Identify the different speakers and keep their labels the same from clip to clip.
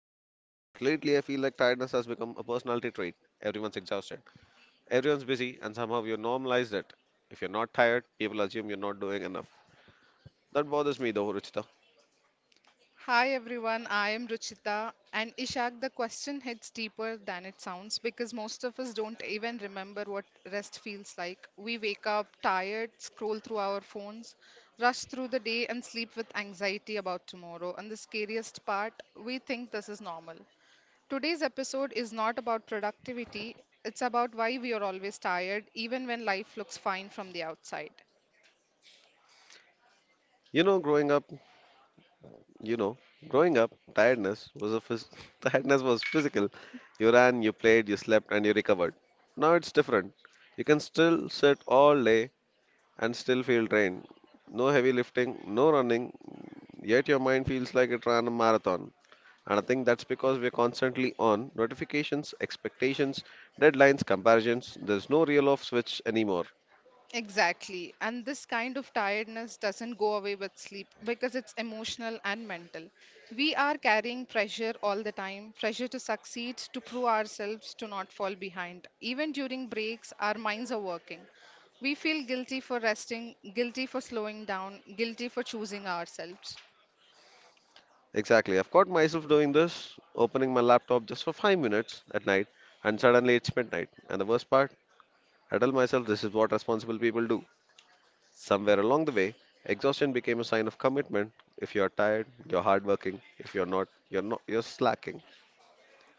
Speaker 1: rested. Because lately I feel like tiredness has become a personality trait. Everyone's exhausted, everyone's busy, and somehow you normalize it. If you're not tired, people assume you're not doing enough. That bothers me though, Ruchita.
Speaker 2: Hi everyone, I am Ruchita. And Ishak, the question hits deeper than it sounds because most of us don't even remember what rest feels like. We wake up tired, scroll through our phones, rush through the day, and sleep with anxiety about tomorrow. And the scariest part, we think this is normal. Today's episode is not about productivity, it's about why we are always tired, even when life looks fine from the outside.
Speaker 1: Growing up, you know, growing up, tiredness was a tiredness was physical. You ran, you played, you slept, and you recovered. Now it's different. You can still sit all day and still feel drained. No heavy lifting, no running, yet your mind feels like it ran a marathon. And I think that's because we're constantly on notifications, expectations, deadlines, comparisons. There's no real off switch anymore.
Speaker 2: Exactly. And this kind of tiredness doesn't go away with sleep because it's emotional and mental. We are carrying pressure all the time pressure to succeed, to prove ourselves, to not fall behind. Even during breaks, our minds are working. We feel guilty for resting, guilty for slowing down, guilty for choosing ourselves.
Speaker 1: Exactly. I've caught myself doing this, opening my laptop just for 5 minutes at night, and suddenly it's midnight. And the worst part, I tell myself this is what responsible people do. Somewhere along the way, exhaustion became a sign of commitment. If you're tired, you're hardworking. If you're not, you're slacking.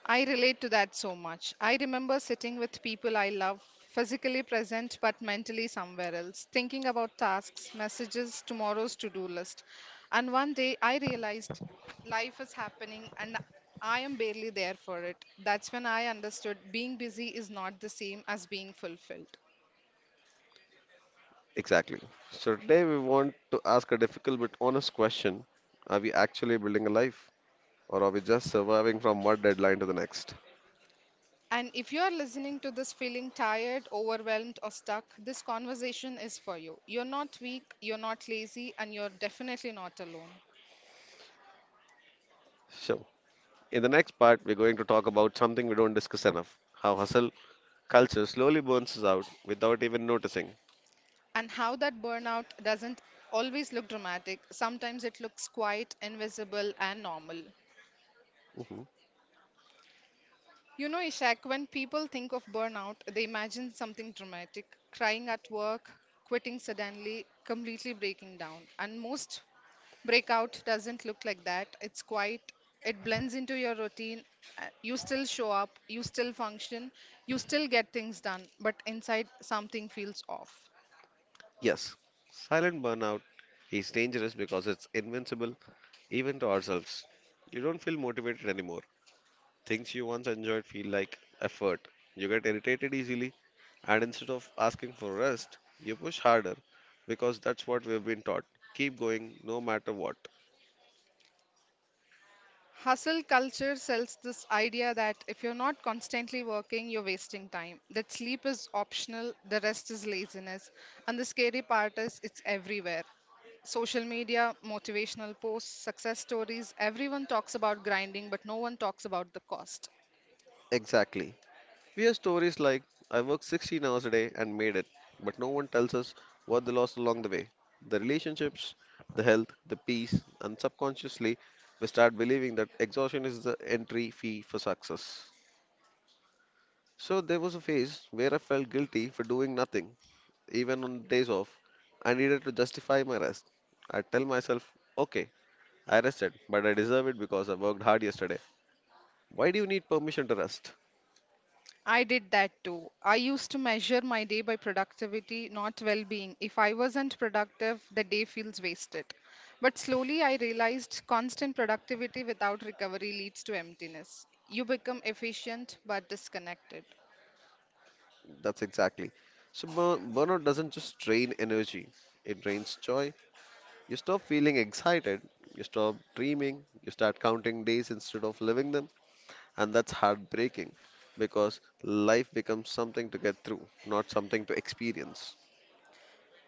Speaker 2: I relate to that so much. I remember sitting with people I love, physically present but mentally somewhere else, thinking about tasks, messages, tomorrow's to do list. And one day I realized life is happening and I am barely there for it. That's when I understood being busy is not the same as being fulfilled.
Speaker 1: Exactly. So today we want to ask a difficult but honest question. Are we actually building a life, or are we just surviving from one deadline to the next?
Speaker 2: And if you are listening to this feeling tired, overwhelmed, or stuck, this conversation is for you. You're not weak, you're not lazy, and you're definitely not alone.
Speaker 1: So, in the next part, we're going to talk about something we don't discuss enough, how hustle culture slowly burns us out without even noticing.
Speaker 2: And how that burnout doesn't always look dramatic. Sometimes it looks quiet, invisible, and normal.
Speaker 1: Hmm.
Speaker 2: You know, Ishak, when people think of burnout, they imagine something dramatic crying at work, quitting suddenly, completely breaking down. And most breakout doesn't look like that. It's quiet, it blends into your routine. You still show up, you still function, you still get things done, but inside something feels off.
Speaker 1: Yes, silent burnout is dangerous because it's invincible even to ourselves. You don't feel motivated anymore. Things you once enjoyed feel like effort. You get irritated easily. And instead of asking for rest, you push harder because that's what we've been taught. Keep going no matter what.
Speaker 2: Hustle culture sells this idea that if you're not constantly working, you're wasting time, that sleep is optional, the rest is laziness. And the scary part is it's everywhere. Social media, motivational posts, success stories, everyone talks about grinding, but no one talks about the cost.
Speaker 1: Exactly. We hear stories like, I worked 16 hours a day and made it, but no one tells us what they lost along the way, the relationships, the health, the peace, and subconsciously, we start believing that exhaustion is the entry fee for success. So there was a phase where I felt guilty for doing nothing, even on days off. I needed to justify my rest. I tell myself, okay, I rested, but I deserve it because I worked hard yesterday. Why do you need permission to rest?
Speaker 2: I did that too. I used to measure my day by productivity, not well being. If I wasn't productive, the day feels wasted. But slowly I realized constant productivity without recovery leads to emptiness. You become efficient but disconnected.
Speaker 1: That's exactly. So, burnout doesn't just drain energy, it drains joy. You stop feeling excited, you stop dreaming, you start counting days instead of living them, and that's heartbreaking because life becomes something to get through, not something to experience.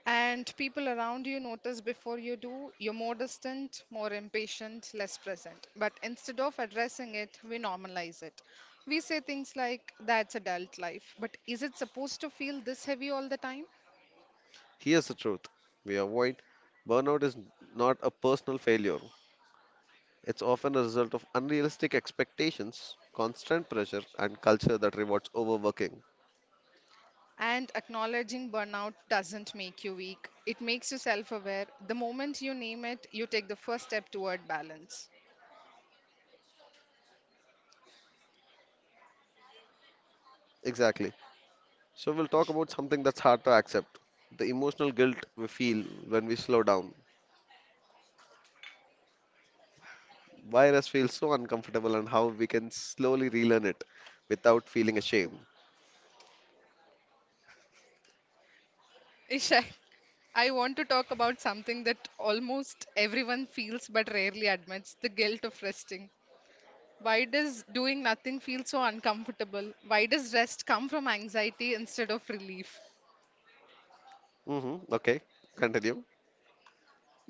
Speaker 2: And people around you notice before you do, you're more distant, more impatient, less present. But instead of addressing it, we normalize it. We say things like, that's adult life. But is it supposed to feel this heavy all the time?
Speaker 1: Here's the truth we avoid, burnout is not a personal failure. It's often a result of unrealistic expectations, constant pressure, and culture that rewards overworking.
Speaker 2: And acknowledging burnout doesn't make you weak, it makes you self aware. The moment you name it, you take the first step toward balance.
Speaker 1: Exactly. So, we'll talk about something that's hard to accept, the emotional guilt we feel when we slow down. Why rest feels so uncomfortable, and how we can slowly relearn it without feeling ashamed.
Speaker 2: Ishak, I want to talk about something that almost everyone feels but rarely admits the guilt of resting. Why does doing nothing feel so uncomfortable? Why does rest come from anxiety instead of relief?
Speaker 1: Mm-hmm. Okay, continue.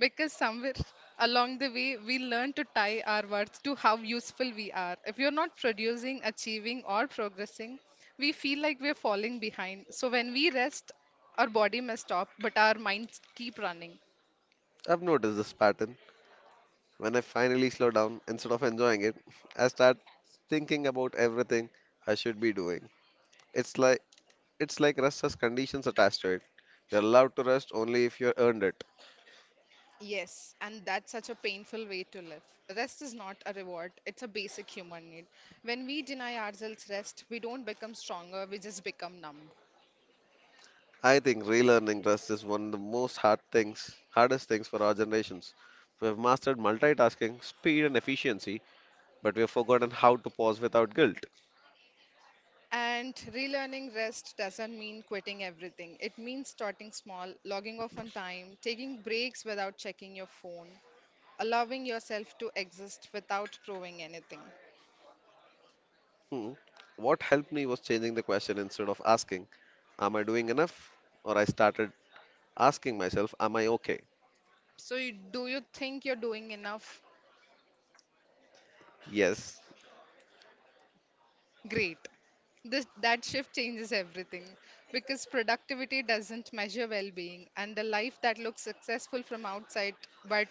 Speaker 2: Because somewhere along the way, we learn to tie our words to how useful we are. If you're not producing, achieving, or progressing, we feel like we're falling behind. So when we rest, our body may stop, but our minds keep running.
Speaker 1: I've noticed this pattern. When I finally slow down, instead of enjoying it, I start thinking about everything I should be doing. It's like It's like rest has conditions attached to it. You're allowed to rest only if you earned it.
Speaker 2: Yes, and that's such a painful way to live. Rest is not a reward, it's a basic human need. When we deny ourselves rest, we don't become stronger, we just become numb.
Speaker 1: I think relearning rest is one of the hardest things for our generations. We have mastered multitasking, speed, and efficiency, but we have forgotten how to pause without guilt.
Speaker 2: And relearning rest doesn't mean quitting everything. It means starting small, logging off on time, taking breaks without checking your phone, allowing yourself to exist without proving anything.
Speaker 1: Hmm. What helped me was changing the question. Instead of asking, am I doing enough? Or I started asking myself, am I okay?
Speaker 2: Do you think you're doing enough?
Speaker 1: Yes.
Speaker 2: Great. That shift changes everything because productivity doesn't measure well being, and a life that looks successful from outside but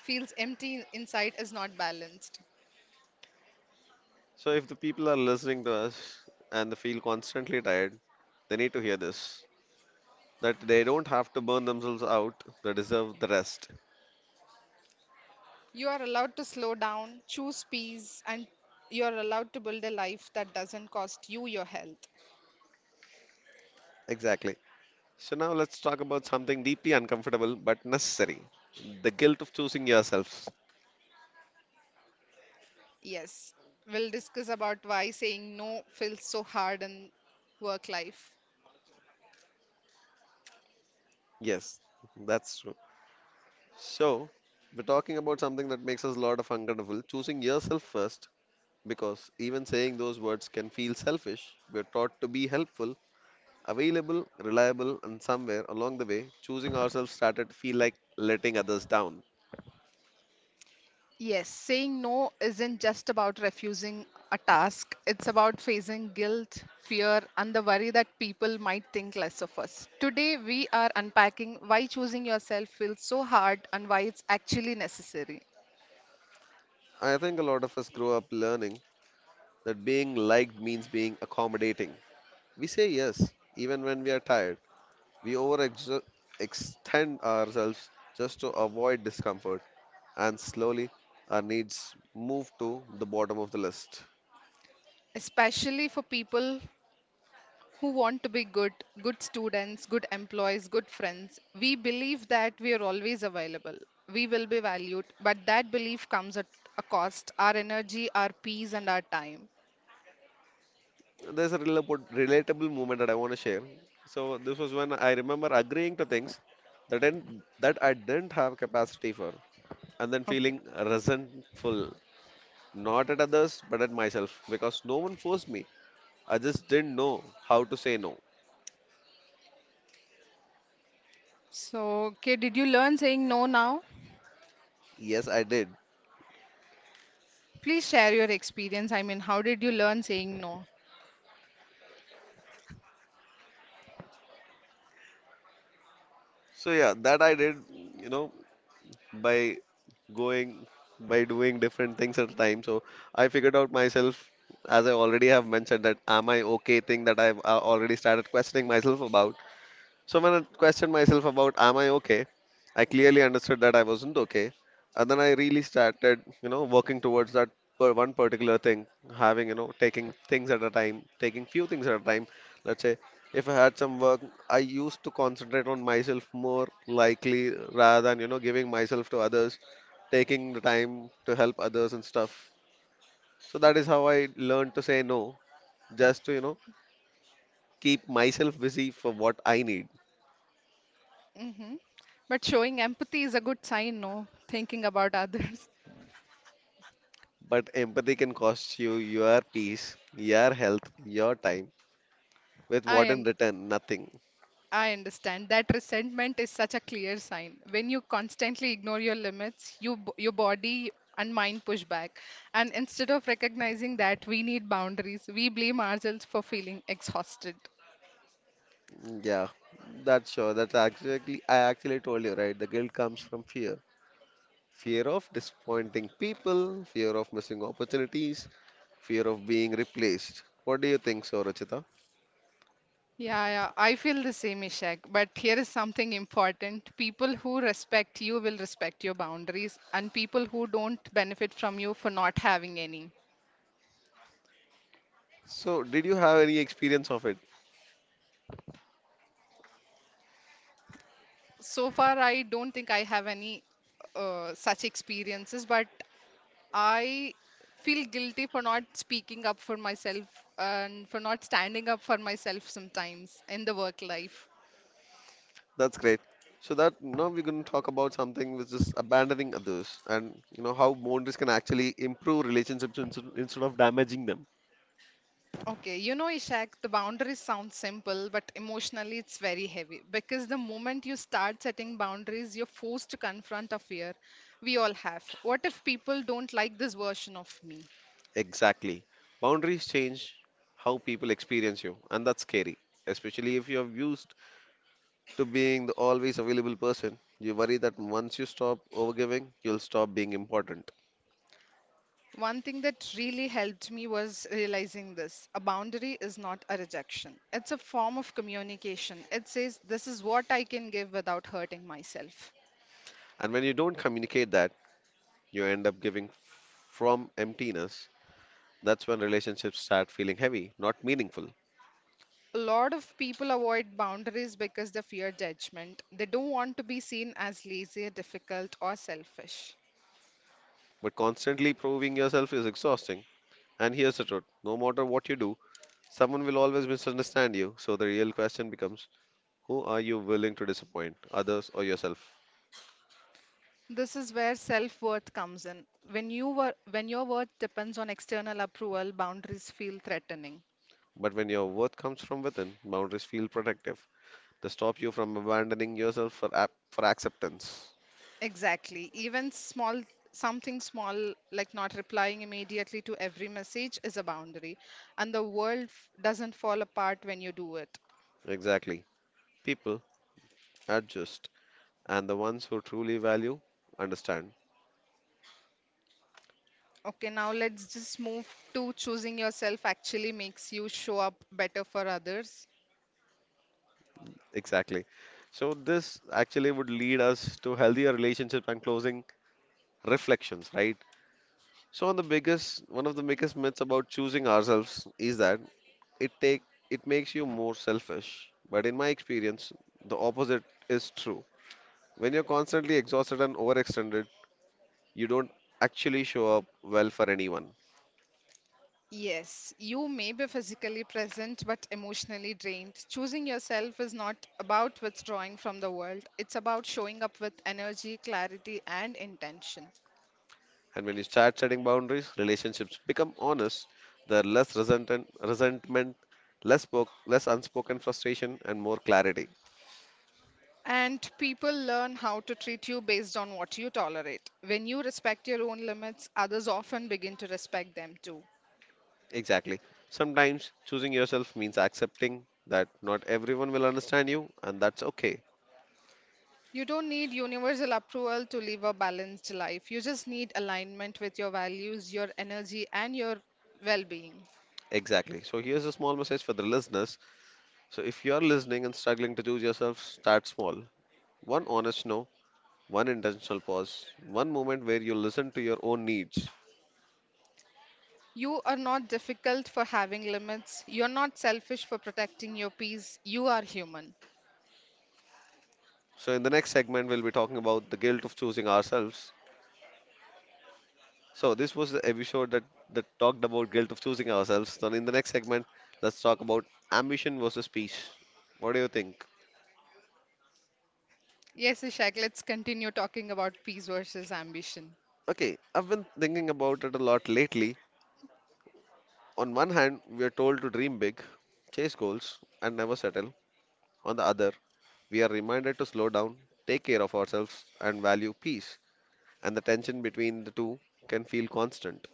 Speaker 2: feels empty inside is not balanced.
Speaker 1: So if the people are listening to us and they feel constantly tired, they need to hear this, that they don't have to burn themselves out, they deserve the rest.
Speaker 2: You are allowed to slow down, choose peace, and you're allowed to build a life that doesn't cost you your health.
Speaker 1: Exactly. So now let's talk about something deeply uncomfortable but necessary, the guilt of choosing yourself.
Speaker 2: Yes, we'll discuss about why saying no feels so hard in work life.
Speaker 1: Yes, that's true. So we're talking about something that makes us a lot of uncomfortable, choosing yourself first, because even saying those words can feel selfish. We're taught to be helpful, available, reliable, and somewhere along the way, choosing ourselves started to feel like letting others down.
Speaker 2: Yes, saying no isn't just about refusing a task, it's about facing guilt, fear, and the worry that people might think less of us. Today, we are unpacking why choosing yourself feels so hard and why it's actually necessary,
Speaker 1: I think a lot of us grow up learning that being liked means being accommodating. We say yes, even when we are tired. We overextend ourselves just to avoid discomfort, and slowly our needs move to the bottom of the list.
Speaker 2: especially for people who want to be good, good students, good employees, good friends. We believe that we are always available. We will be valued, but that belief comes at a cost our energy, our peace, and our time.
Speaker 1: There's a relatable moment that I want to share. So this was when I remember agreeing to things that I didn't have capacity for, and then
Speaker 2: Okay.
Speaker 1: feeling resentful, not at others but at myself, because no one forced me. I just didn't know how to say no.
Speaker 2: So, okay, did you learn saying no now?
Speaker 1: Yes, I did.
Speaker 2: Please share your experience. I mean, how did you learn saying no?
Speaker 1: So yeah, that I did, you know, by going, by doing different things at a time. So I figured out myself, as I already have mentioned, that am I okay thing that I've already started questioning myself about. So when I questioned myself about am I okay, I clearly understood that I wasn't okay. And then I really started, you know, working towards that one particular thing, having, you know, taking things at a time, taking few things at a time. Let's say if I had some work, I used to concentrate on myself more likely rather than, you know, giving myself to others, taking the time to help others and stuff. So that is how I learned to say no, just to, you know, keep myself busy for what I need.
Speaker 2: Hmm. But showing empathy is a good sign, no? Thinking about others.
Speaker 1: But empathy can cost you your peace, your health, your time, with
Speaker 2: I,
Speaker 1: what in
Speaker 2: am.
Speaker 1: return, nothing.
Speaker 2: I understand that resentment is such a clear sign. When you constantly ignore your limits, your body and mind push back. And instead of recognizing that we need boundaries, we blame ourselves for feeling exhausted.
Speaker 1: Yeah, that's sure. That's actually, I actually told you, right? The guilt comes from fear. Fear of disappointing people, fear of missing opportunities, fear of being replaced. What do you think, so, Rachita?
Speaker 2: Yeah, yeah, I feel the same, Ishak. But here is something important. People who respect you will respect your boundaries, and people who don't benefit from you for not having any.
Speaker 1: So, did you have any experience of it?
Speaker 2: So far, I don't think I have any such experiences, but I feel guilty for not speaking up for myself and for not standing up for myself sometimes in the work life.
Speaker 1: That's great. So that now we're going to talk about something which is abandoning others, and you know how boundaries can actually improve relationships instead of damaging them.
Speaker 2: Okay, you know, Ishak, the boundaries sound simple, but emotionally it's very heavy because the moment you start setting boundaries, you're forced to confront a fear we all have. What if people don't like this version of me?
Speaker 1: Exactly. Boundaries change how people experience you, and that's scary, especially if you're used to being the always available person. You worry that once you stop overgiving, you'll stop being important.
Speaker 2: One thing that really helped me was realizing this. A boundary is not a rejection, it's a form of communication. It says, this is what I can give without hurting myself.
Speaker 1: And when you don't communicate that, you end up giving from emptiness. That's when relationships start feeling heavy, not meaningful.
Speaker 2: A lot of people avoid boundaries because they fear judgment. They don't want to be seen as lazy, difficult, or selfish.
Speaker 1: But constantly proving yourself is exhausting. And here's the truth, no matter what you do, someone will always misunderstand you. So the real question becomes, who are you willing to disappoint, others or yourself?
Speaker 2: This is where self-worth comes in. When your worth depends on external approval, boundaries feel threatening.
Speaker 1: But when your worth comes from within, boundaries feel protective. They stop you from abandoning yourself for acceptance.
Speaker 2: Exactly. Something small like not replying immediately to every message is a boundary, and doesn't fall apart when you do it.
Speaker 1: Exactly. People adjust, and the ones who truly value understand.
Speaker 2: Okay, now let's just move to choosing yourself actually makes you show up better for others.
Speaker 1: Exactly. So, this actually would lead us to healthier relationship and closing reflections, right? So, one of the biggest myths about choosing ourselves is that it take it makes you more selfish. But in my experience, the opposite is true. When you're constantly exhausted and overextended, you don't actually show up well for anyone.
Speaker 2: Yes, you may be physically present but emotionally drained. Choosing yourself is not about withdrawing from the world, it's about showing up with energy, clarity, and intention.
Speaker 1: And when you start setting boundaries, relationships become honest. There are resentment, less unspoken frustration, and more clarity.
Speaker 2: And people learn how to treat you based on what you tolerate. When you respect your own limits, others often begin to respect them too.
Speaker 1: Exactly. Sometimes choosing yourself means accepting that not everyone will understand you, and that's okay.
Speaker 2: You don't need universal approval to live a balanced life. You just need alignment with your values, your energy, and your well being.
Speaker 1: Exactly. So here's a small message for the listeners. So if you're listening and struggling to choose yourself, start small. One honest no, one intentional pause, one moment where you listen to your own needs.
Speaker 2: You are not difficult for having limits. You're not selfish for protecting your peace. You are human.
Speaker 1: So, in the next segment, we'll be talking about the guilt of choosing ourselves. So, this was the episode that talked about guilt of choosing ourselves. So, in the next segment, let's talk about ambition versus peace. What do you think?
Speaker 2: Yes, Ishak, let's continue talking about peace versus ambition.
Speaker 1: Okay, I've been thinking about it a lot lately. On one hand, we are told to dream big, chase goals, and never settle. On the other, we are reminded to slow down, take care of ourselves, and value peace. And the tension between the two can feel constant.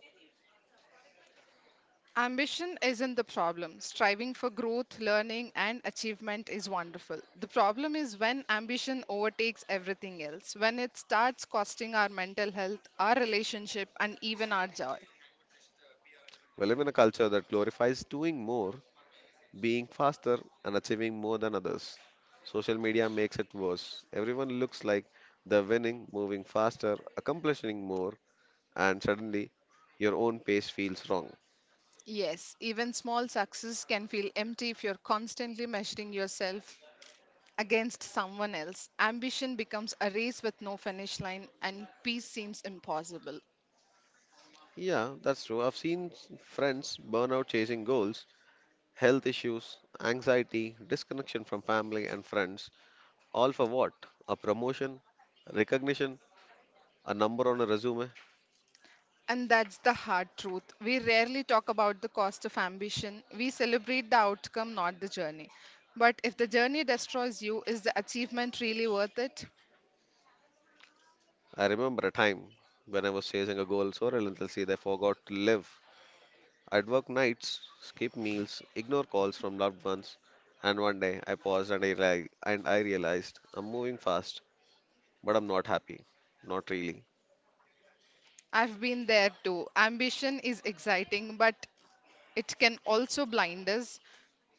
Speaker 2: Ambition isn't the problem. Striving for growth, learning, and achievement is wonderful. The problem is when ambition overtakes everything else, when it starts costing our mental health, our relationship, and even our joy.
Speaker 1: We live in a culture that glorifies doing more, being faster, and achieving more than others. Social media makes it worse. Everyone looks like they're winning, moving faster, accomplishing more, and suddenly your own pace feels wrong.
Speaker 2: Yes, even small success can feel empty if you're constantly measuring yourself against someone else. Ambition becomes a race with no finish line, and peace seems impossible.
Speaker 1: Yeah, that's true. I've seen friends burn out chasing goals, health issues, anxiety, disconnection from family and friends. All for what? A promotion, recognition, a number on a resume.
Speaker 2: And that's the hard truth. We rarely talk about the cost of ambition. We celebrate the outcome, not the journey. But if the journey destroys you, is the achievement really worth it?
Speaker 1: I remember a time when I was chasing a goal so relentlessly that I forgot to live. I'd work nights, skip meals, ignore calls from loved ones, and one day I paused and I realized I'm moving fast, but I'm not happy. Not really.
Speaker 2: I've been there too. Ambition is exciting, but it can also blind us.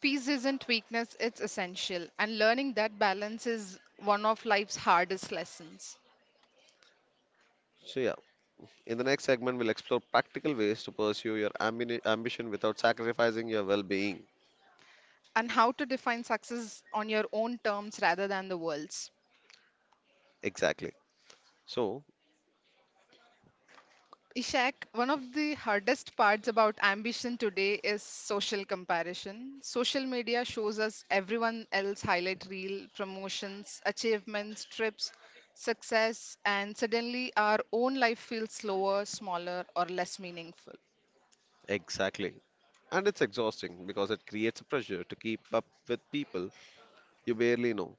Speaker 2: Peace isn't weakness, it's essential. And learning that balance is one of life's hardest lessons.
Speaker 1: So, yeah, in the next segment, we'll explore practical ways to pursue your ambition without sacrificing your well being.
Speaker 2: And how to define success on your own terms rather than the world's.
Speaker 1: Exactly. So,
Speaker 2: Ishak, one of the hardest parts about ambition today is social comparison. Social media shows us everyone else highlight reel, promotions, achievements, trips, success, and suddenly our own life feels slower, smaller, or less meaningful.
Speaker 1: exactly. And it's exhausting because it creates a pressure to keep up with people you barely know.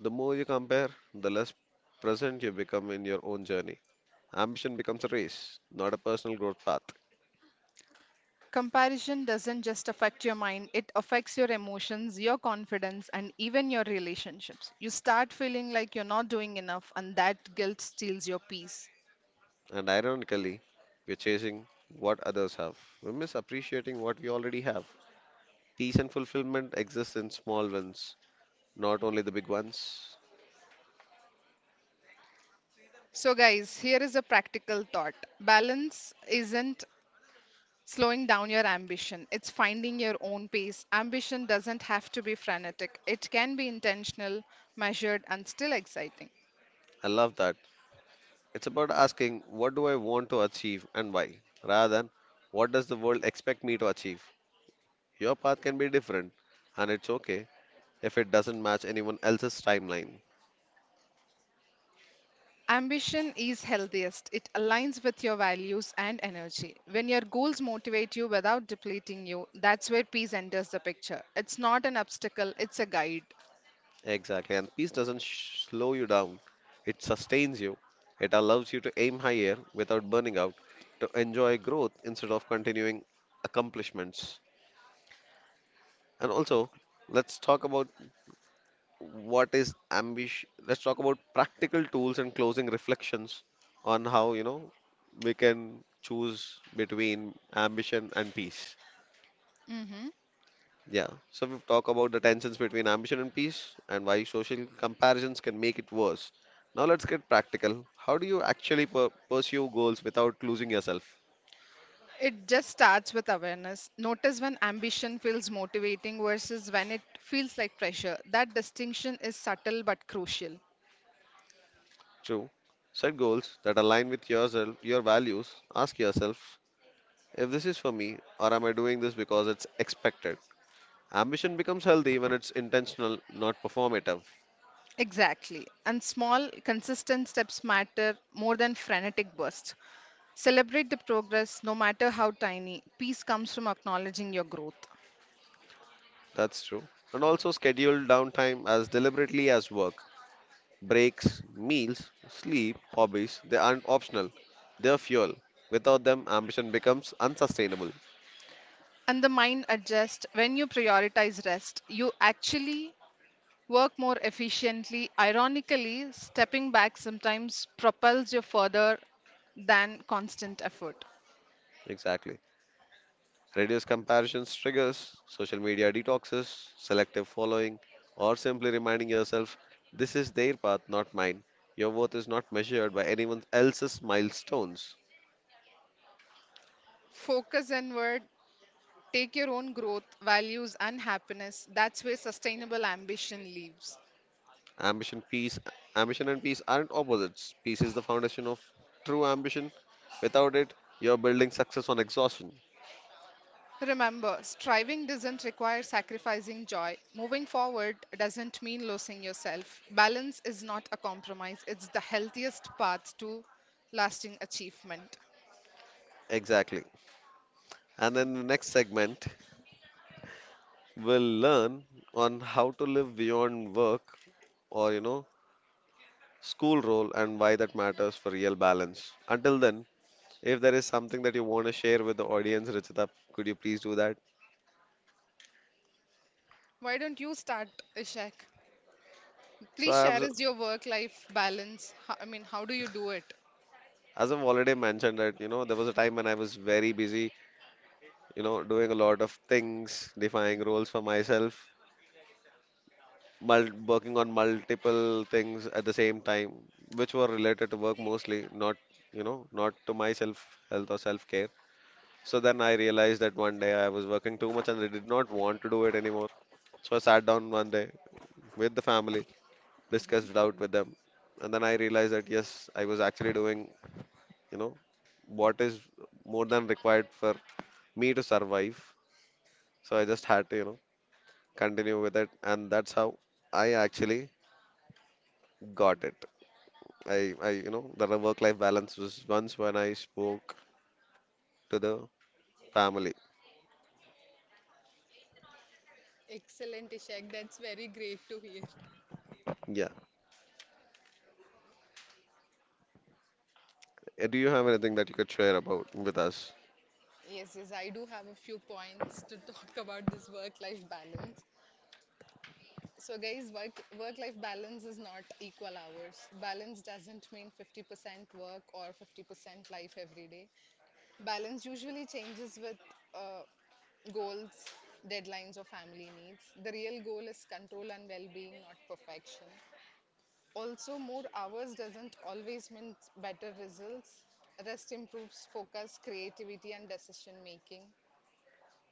Speaker 1: The more you compare, the less present you become in your own journey. Ambition becomes a race, not a personal growth path.
Speaker 2: Comparison doesn't just affect your mind, it affects your emotions, your confidence, and even your relationships. You start feeling like you're not doing enough, and that guilt steals your peace.
Speaker 1: And ironically, we're chasing what others have. We miss appreciating what we already have. Peace and fulfillment exist in small wins, not only the big ones.
Speaker 2: So, guys, here is a practical thought. Balance isn't slowing down your ambition, it's finding your own pace. Ambition doesn't have to be frenetic, it can be intentional, measured, and still exciting.
Speaker 1: I love that. It's about asking, what do I want to achieve and why, rather than what does the world expect me to achieve. Your path can be different, and it's okay if it doesn't match anyone else's timeline.
Speaker 2: Ambition is healthiest, it aligns with your values and energy. When your goals motivate you without depleting you, that's where peace enters the picture. It's not an obstacle, it's a guide.
Speaker 1: Exactly. And peace doesn't slow you down, it sustains you. It allows you to aim higher without burning out, to enjoy growth instead of continuing accomplishments. And also, let's talk about what is ambition. Let's talk about practical tools and closing reflections on how, we can choose between ambition and peace.
Speaker 2: Mhm.
Speaker 1: Yeah, so we've talked about the tensions between ambition and peace and why social comparisons can make it worse. Now let's get practical. How do you actually pursue goals without losing yourself?
Speaker 2: It just starts with awareness. Notice when ambition feels motivating versus when it feels like pressure. That distinction is subtle but crucial.
Speaker 1: True. Set goals that align with yourself, your values. Ask yourself if this is for me or am I doing this because it's expected? Ambition becomes healthy when it's intentional, not performative.
Speaker 2: Exactly. And small, consistent steps matter more than frenetic bursts. Celebrate the progress, no matter how tiny. Peace comes from acknowledging your growth.
Speaker 1: That's true. And also schedule downtime as deliberately as work. Breaks, meals, sleep, hobbies, they aren't optional. They're fuel. Without them, ambition becomes unsustainable.
Speaker 2: And the mind adjusts when you prioritize rest. You actually work more efficiently. Ironically, stepping back sometimes propels you further than constant effort.
Speaker 1: Exactly. Reduce comparisons triggers, social media detoxes, selective following, or simply reminding yourself this is their path, not mine. Your worth is not measured by anyone else's milestones.
Speaker 2: Focus inward, take your own growth, values, and happiness. That's where sustainable ambition lives.
Speaker 1: Ambition, peace, ambition and peace aren't opposites. Peace is the foundation of true ambition. Without it, you're building success on exhaustion.
Speaker 2: Remember, striving doesn't require sacrificing joy. Moving forward doesn't mean losing yourself. Balance is not a compromise, it's the healthiest path to lasting achievement.
Speaker 1: Exactly. And then the next segment, will learn on how to live beyond work or, school role and why that matters for real balance. Until then, if there is something that you want to share with the audience, Richita, could you please do that?
Speaker 2: Why don't you start, Ishak?
Speaker 1: So
Speaker 2: Please
Speaker 1: I
Speaker 2: share
Speaker 1: have,
Speaker 2: us your work-life balance. I mean, how do you do it?
Speaker 1: as I've already mentioned that, there was a time when I was very busy, doing a lot of things, defining roles for myself, mul working on multiple things at the same time, which were related to work mostly, not, not to my self health or self care. So then I realized that one day I was working too much and I did not want to do it anymore. So I sat down one day with the family, discussed it
Speaker 2: Hmm.
Speaker 1: out with them, and then I realized that yes, I was actually doing, you know, what is more than required for me to survive. So I just had to, continue with it, and that's how I actually got it. The work-life balance was once when I spoke to the family.
Speaker 2: Excellent, Ishak. That's very great to hear.
Speaker 1: Yeah. Do you have anything that you could share about with us?
Speaker 2: Yes, yes, I do have a few points to talk about this work-life balance. So, guys, work-life balance is not equal hours. Balance doesn't mean 50% work or 50% life every day. Balance usually changes with uh, goals, deadlines, or family needs. The real goal is control and well-being, not perfection. Also, more hours doesn't always mean better results. Rest improves focus, creativity, and decision making.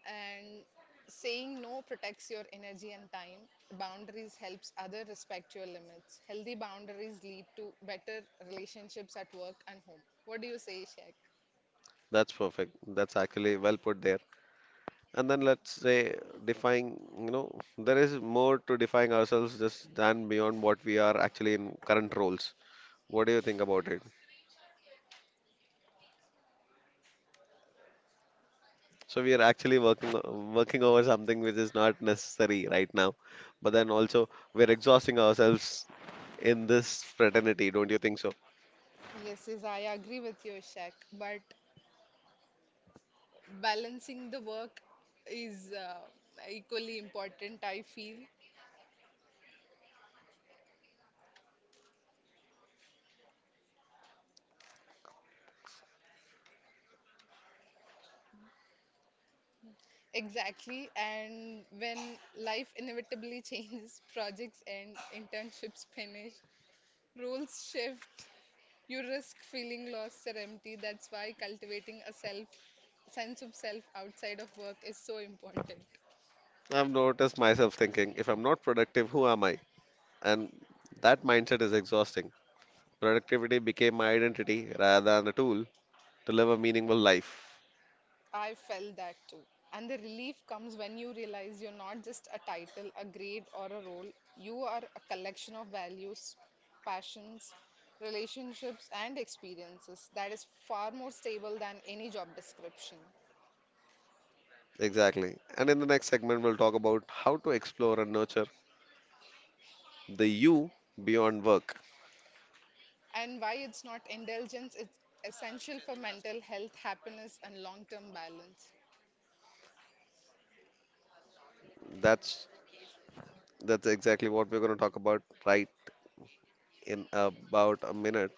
Speaker 2: And saying no protects your energy and time. Boundaries helps other respect your limits. Healthy boundaries lead to better relationships at work and home. What do you say, Shaq?
Speaker 1: That's perfect. That's actually well put there. And then let's say defying, there is more to defying ourselves just than beyond what we are actually in current roles. What do you think about it? So we are actually working working over something which is not necessary right now, but then also we're exhausting ourselves in this fraternity, don't you think so?
Speaker 2: Yes, yes, I agree with you, Shaq. But balancing the work is equally important, I feel. Exactly, and when life inevitably changes, projects end, internships finish, roles shift, you risk feeling lost or empty. That's why cultivating a self sense of self outside of work is so important.
Speaker 1: I've noticed myself thinking, if I'm not productive, who am I? And that mindset is exhausting. Productivity became my identity rather than a tool to live a meaningful life.
Speaker 2: I felt that too. And the relief comes when you realize you're not just a title, a grade, or a role. You are a collection of values, passions, relationships, and experiences that is far more stable than any job description.
Speaker 1: Exactly. And in the next segment, we'll talk about how to explore and nurture the you beyond work.
Speaker 2: And why it's not indulgence, it's essential for mental health, happiness, and long term balance.
Speaker 1: That's that's exactly what we're going to talk about right in about a minute.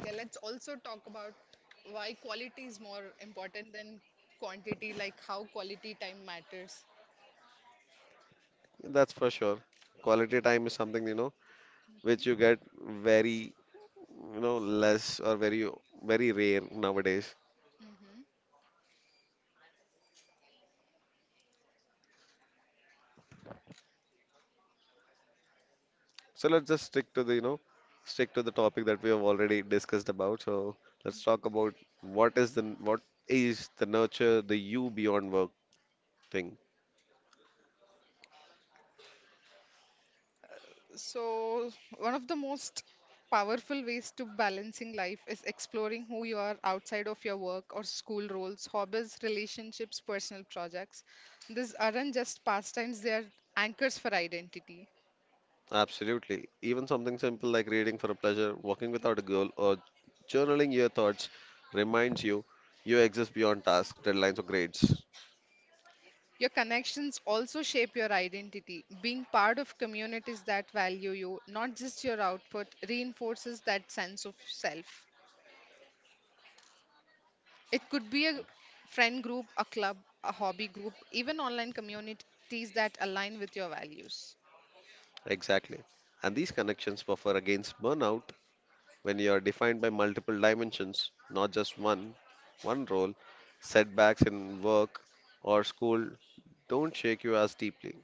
Speaker 2: Okay, let's also talk about why quality is more important than quantity, like how quality time matters.
Speaker 1: That's for sure. Quality time is something, which you get very, less or very very rare nowadays.
Speaker 2: Mhm.
Speaker 1: So let's just stick to the, stick to the topic that we have already discussed about. So let's talk about what is the nurture the you beyond work. Ping.
Speaker 2: So, one of the most powerful ways to balancing life is exploring who you are outside of your work or school roles, hobbies, relationships, personal projects. These aren't just pastimes, they are anchors for identity.
Speaker 1: Absolutely. Even something simple like reading for a pleasure, walking without a goal, or journaling your thoughts reminds you you exist beyond tasks, deadlines, or grades.
Speaker 2: Your connections also shape your identity. Being part of communities that value you, not just your output, reinforces that sense of self. It could be a friend group, a club, a hobby group, even online communities that align with your values.
Speaker 1: Exactly. And these connections buffer against burnout when you are defined by multiple dimensions, not just one. One role, setbacks in work or school don't shake you as deeply.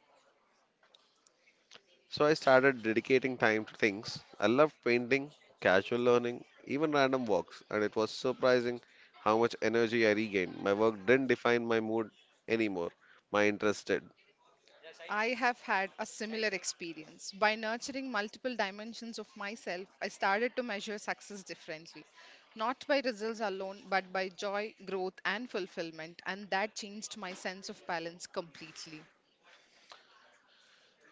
Speaker 1: So I started dedicating time to things. I loved painting, casual learning, even random walks, and it was surprising how much energy I regained. My work didn't define my mood anymore. My interest did.
Speaker 2: I have had a similar experience. By nurturing multiple dimensions of myself, I started to measure success differently, not by results alone, but by joy, growth, and fulfillment, and that changed my sense of balance completely.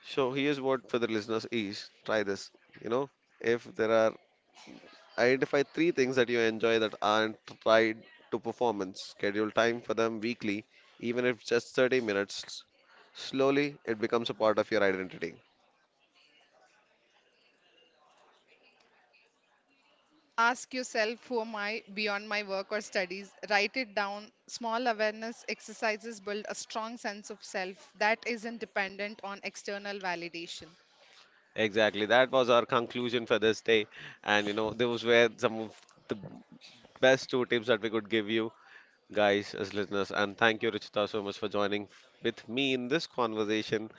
Speaker 1: So here's what for the listeners is try this. You know, if there are identify three things that you enjoy that aren't tied to performance, schedule time for them weekly, even if just 30 minutes. Slowly, it becomes a part of your identity.
Speaker 2: Ask yourself, who am I beyond my work or studies? Write it down. Small awareness exercises build a strong sense of self that isn't dependent on external validation.
Speaker 1: Exactly. That was our conclusion for this day. And you know, those were some of the best two tips that we could give you guys as listeners. And thank you, Richita, so much for joining with me in this conversation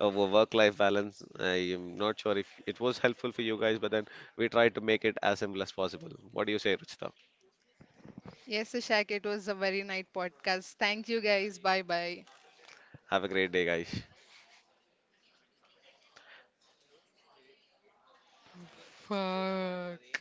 Speaker 1: over work-life balance. I am not sure if it was helpful for you guys, but then we tried to make it as simple as possible. What do you say, Richita?
Speaker 2: Yes, Ishak, it was a very nice podcast. Thank you guys. Bye bye.
Speaker 1: Have a great day, guys.
Speaker 2: Fuck.